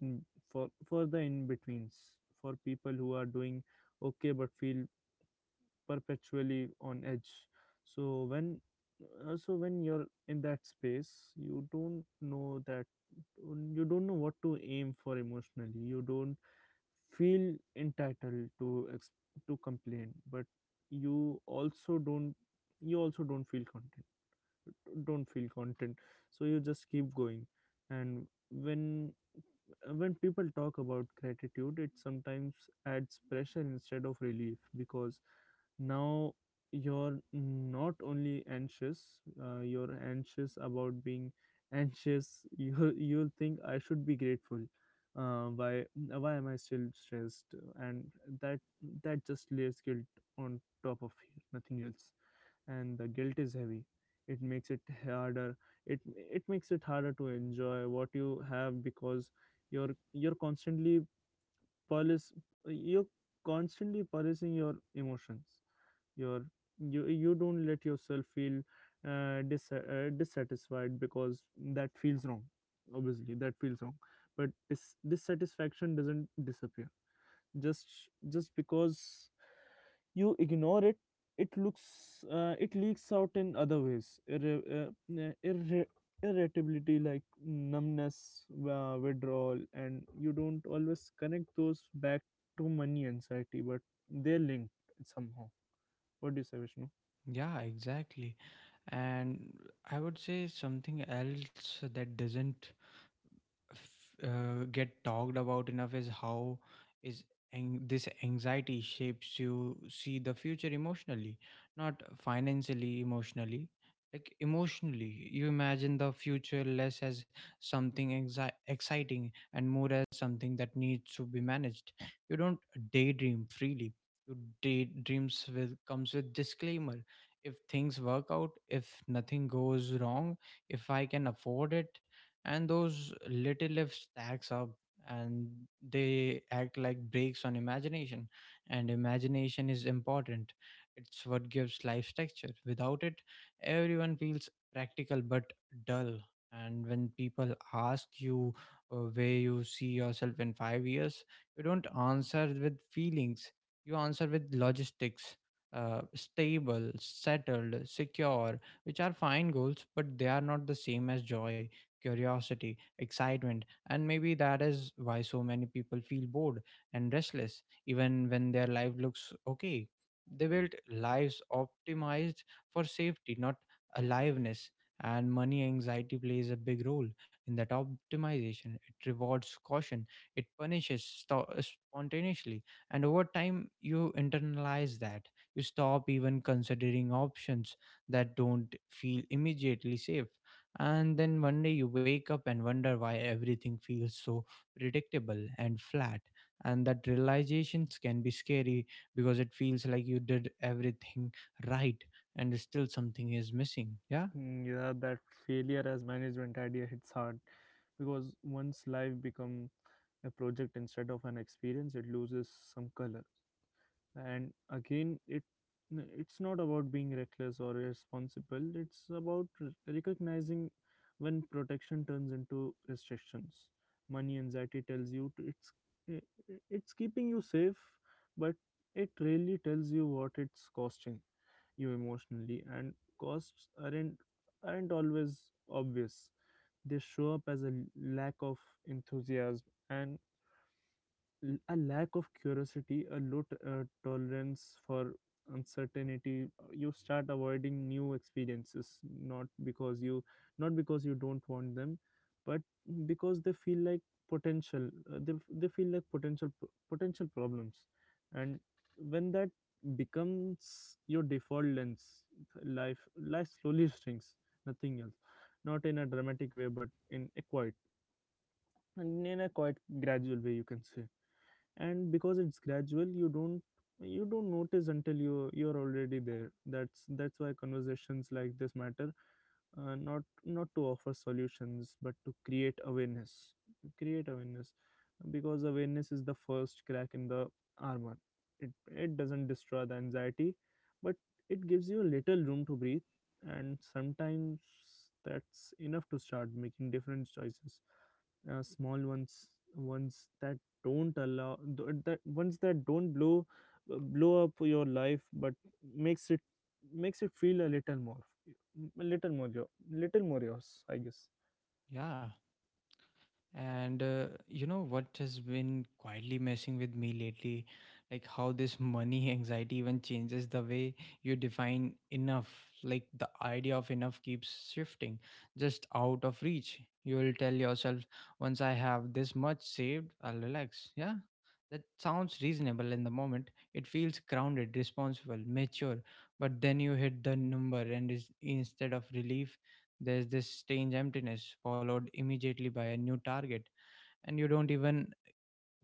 in for the in betweens for people who are doing okay but feel perpetually on edge. So when uh, so when you're in that space, you don't know what to aim for emotionally. You don't feel entitled to complain, but you also don't you also don't feel content, don't feel content so you just keep going. And when people talk about gratitude, it sometimes adds pressure instead of relief, because now you're not only anxious, you're anxious about being anxious. [LAUGHS] You'll think, I should be grateful. uh, why why am I still stressed? And that that just layers guilt on top of nothing else. And the guilt is heavy. It makes it harder. it it makes it harder to enjoy what you have, because you're you're constantly polish you're constantly policing your emotions. you're you don't let yourself feel dissatisfied because that feels wrong. Obviously that feels wrong. But dissatisfaction doesn't disappear just just because you ignore it. It looks uh, it leaks out in other ways: uh, irre- irritability, like numbness, withdrawal. And you don't always connect those back to money anxiety, but they're linked somehow. What do you say, Vishnu?
yeah, exactly. And I would say something else that doesn't get talked about enough is how is ang- this anxiety shapes you see the future emotionally, not financially, emotionally. Like emotionally, you imagine the future less as something exciting and more as something that needs to be managed. You don't daydream freely, your daydreams will comes with disclaimer. If things work out, if nothing goes wrong, if I can afford it. And those little lifts stacks up, and they act like brakes on imagination. And imagination is important, it's what gives life texture. Without it, everyone feels practical but dull. And when people ask you, where you see yourself in 5 years, you don't answer with feelings, you answer with logistics. Stable, settled, secure, which are fine goals, but they are not the same as joy, curiosity, excitement. And maybe that is why so many people feel bored and restless even when their life looks okay. They built lives optimized for safety, not aliveness. And money anxiety plays a big role in that optimization. It rewards caution, it punishes spontaneously, and over time, you internalize that. You stop even considering options that don't feel immediately safe, and then one day you wake up and wonder why everything feels so predictable and flat. And that realizations can be scary because it feels like you did everything right and still something is missing. Yeah,
Mm, yeah, that failure as management idea hits hard, because once life become a project instead of an experience, it loses some color. And again, it's not about being reckless or irresponsible, it's about recognizing when protection turns into restrictions. Money anxiety tells you to, it's I- it's keeping you safe, but it really tells you what it's costing you emotionally. And costs aren't always obvious. They show up as a lack of enthusiasm, and a lack of curiosity, a low tolerance for uncertainty. You start avoiding new experiences, not because you not because you don't want them, but because they feel like potential. They feel like potential problems. And when that becomes your default lens, life life slowly shrinks. Nothing else, not in a dramatic way, but in a quiet and in a quite gradual way, you can say. And because it's gradual, you don't notice until you're already there. That's why conversations like this matter. Not to offer solutions, but to create awareness. create awareness because awareness is the first crack in the armor. It doesn't destroy the anxiety, but it gives you a little room to breathe. And sometimes that's enough to start making different choices. Small ones, ones that don't allow th- that ones that don't blow up your life but makes it makes it feel a little more, a little more your little more yours, I guess.
yeah. And you know what has been quietly messing with me lately? Like how this money [LAUGHS] anxiety even changes the way you define enough. Like the idea of enough keeps shifting, just out of reach. You will tell yourself, once I have this much saved, I'll relax. Yeah. That sounds reasonable in the moment. It feels grounded, responsible, mature. But then you hit the number, instead of relief, there's this strange emptiness, followed immediately by a new target, and you don't even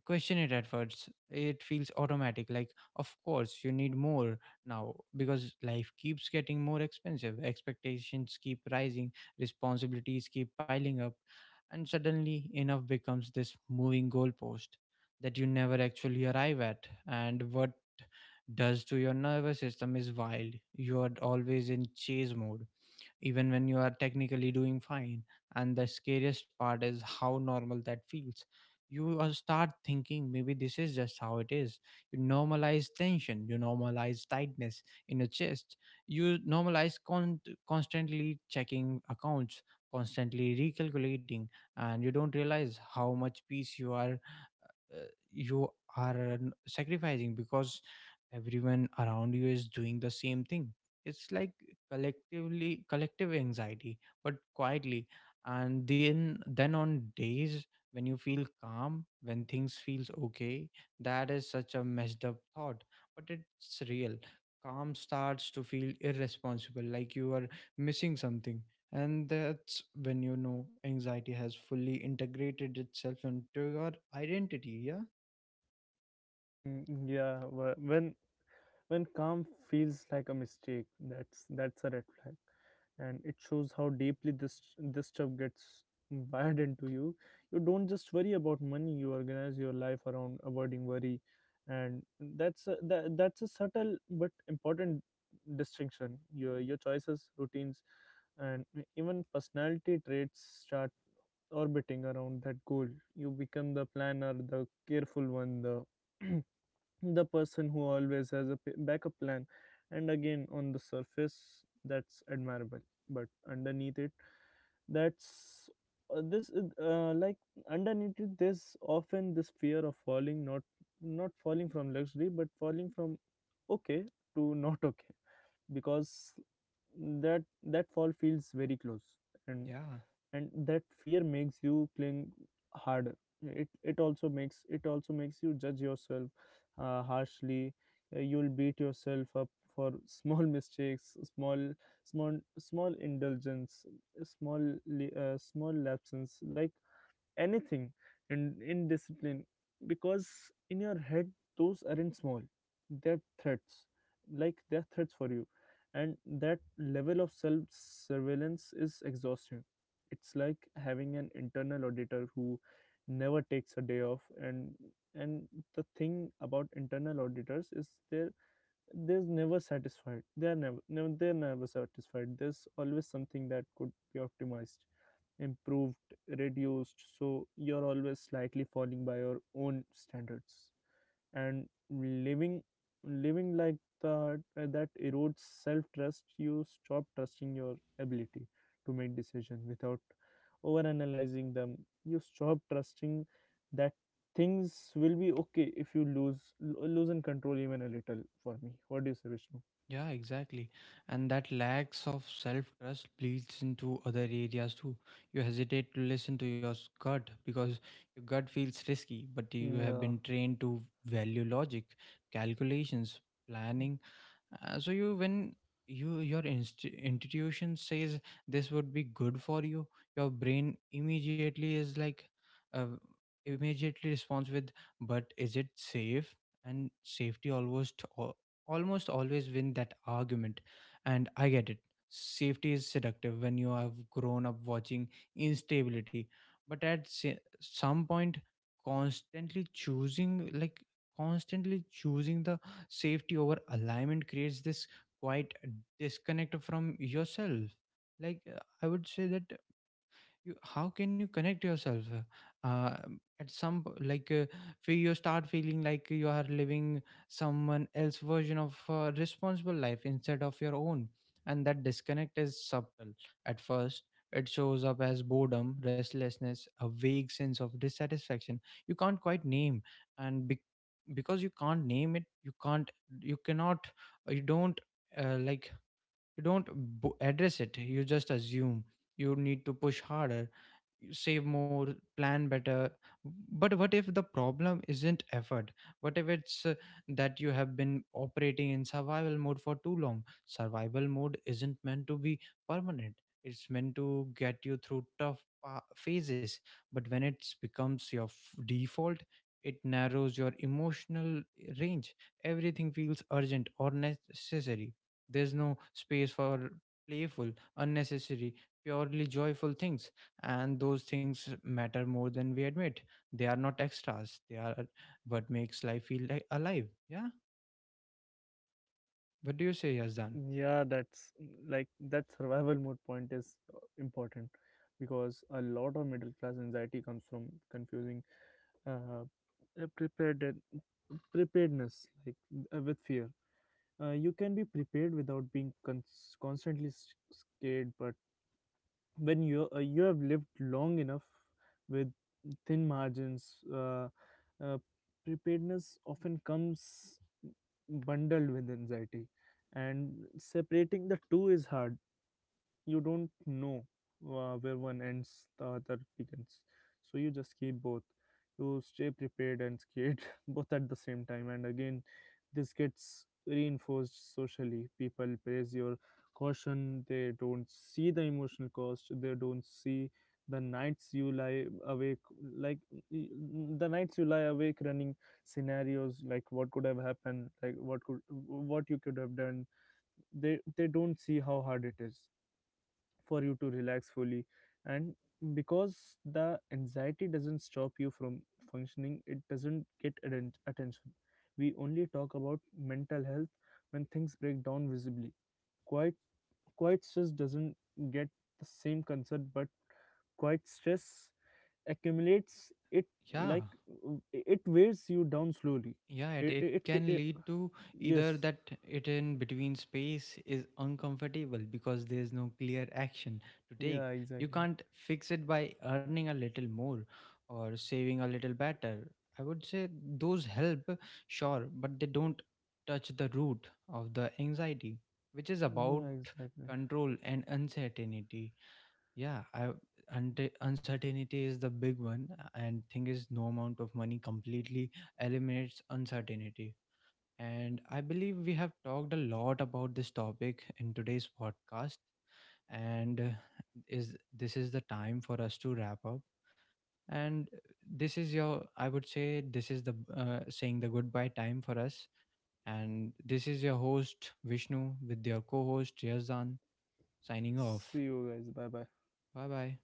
question it at first. It feels automatic, like, of course, you need more now because life keeps getting more expensive, expectations keep rising, responsibilities keep piling up, and suddenly enough becomes this moving goalpost that you never actually arrive at. And what does to your nervous system is wild. You are always in chase mode even when you are technically doing fine. And the scariest part is how normal that feels. You start thinking maybe this is just how it is. You normalize tension, you normalize tightness in your chest, you normalize constantly checking accounts, constantly recalculating, and you don't realize how much peace you uh, you are sacrificing because everyone around you is doing the same thing. It's like collective anxiety, but quietly. And then on days when you feel calm, when things feels okay, that is such a messed up thought, but it's real. Calm starts to feel irresponsible, like you are missing something. And that's when you know anxiety has fully integrated itself into your identity, yeah?
Mm, yeah, when calm feels like a mistake, that's a red flag, and it shows how deeply this stuff gets wired into you. You don't just worry about money; you organize your life around avoiding worry, and that's a subtle but important distinction. Your choices, routines, and even personality traits start orbiting around that goal. You become the planner, the careful one, the [CLEARS THROAT] the person who always has a backup plan. And again, on the surface, that's admirable, but underneath it, that's this is, like underneath it, there's often this fear of falling. Not not falling from luxury, but falling from okay to not okay, because that fall feels very close. And
Yeah,
that fear makes you cling harder. It also makes you judge yourself harshly. You'll beat yourself up for [LAUGHS] small mistakes, small small small indulgence, small small lapses, like anything and discipline, because in your head, those aren't small, they're threats, like they're threats for you. And that level of self surveillance is exhausting. It's like having an internal auditor who never takes a day off. And and the thing about internal auditors is they're never satisfied. There's always something that could be optimized, improved, reduced. So you're always slightly falling by your own standards. And living like that erodes self trust. You stop trusting your ability to make decisions without over analyzing them. You stop trusting that things will be okay if you lose in control even a little. For me, what do you say, Vishnu?
yeah, exactly. And that lacks of self trust bleeds into other areas too. You hesitate to listen to your gut because your gut feels risky, but you have
Yeah.
been trained to value logic, calculations, planning. So you when you your intuition says this would be good for you, your brain uh, immediately responds with, but is it safe? And safety almost always win that argument. And I get it. Safety is seductive when you have grown up watching instability, but at some point, constantly choosing like constantly choosing the safety over alignment creates this quite disconnect from yourself. Like I would say that, you how can you connect yourself, uh, at some p- like fe- you start feeling like you are living someone else version of responsible life instead of your own. And that disconnect is subtle at first, it shows up as boredom, restlessness, a vague sense of dissatisfaction you can't quite name. And because you can't name it, you can't you cannot you don't like you don't address it, you just assume you need to push harder, save more, plan better. But what if the problem isn't effort? What if it's that you have been operating in survival mode for too long? Survival mode isn't meant to be permanent, it's meant to get you through tough phases, but when it becomes your default, it narrows your emotional range. Everything feels urgent or necessary, there's no space for playful, unnecessary, purely joyful things. And those things matter more than we admit. They are not extras, they are what makes life feel like alive. Yeah. What do you say, Yazdan?
Yeah, that's, like, that survival mode point is important, because a lot of middle class anxiety comes from confusing uh, uh, prepared preparedness, like, with fear. You can be prepared without being constantly scared. But when you have lived long enough with thin margins, uh, preparedness often comes bundled with anxiety, and separating the two is hard. You don't know where one ends, the other begins. So you just keep both. You stay prepared and scared, [LAUGHS] both at the same time. And again, this gets reinforced socially. People praise your caution. They don't see the emotional cost. They don't see the nights you lie awake, like the nights you lie awake running scenarios, like what could have happened, what you could have done. They don't see how hard it is for you to relax fully. And because the anxiety doesn't stop you from functioning, it doesn't get attention. We only talk about mental health when things break down visibly. quiet Quiet stress doesn't get the same concern. But quiet stress accumulates.
Yeah,
Like it wears you down slowly.
yeah, it,
it,
it
it, it,
can
ca- it
lead to either
Yes.
that. It in between space is uncomfortable because there's no clear action to take.
Yeah,
You
exactly.
can't fix it by earning a little more or saving a little better. I would say those help, sure, but they don't touch the root of the anxiety, which is about
Yeah, exactly.
control and uncertainty. Yeah, I uncertainty is the big one, and thing is, no amount of money completely eliminates uncertainty. And I believe we have talked a lot about this topic in today's podcast, and is this is the time for us to wrap up. And this is your, I would say, this is the saying the goodbye time for us. And this is your host Vishnu with your co-host Yazdan signing off.
See you guys, bye bye.
Bye bye.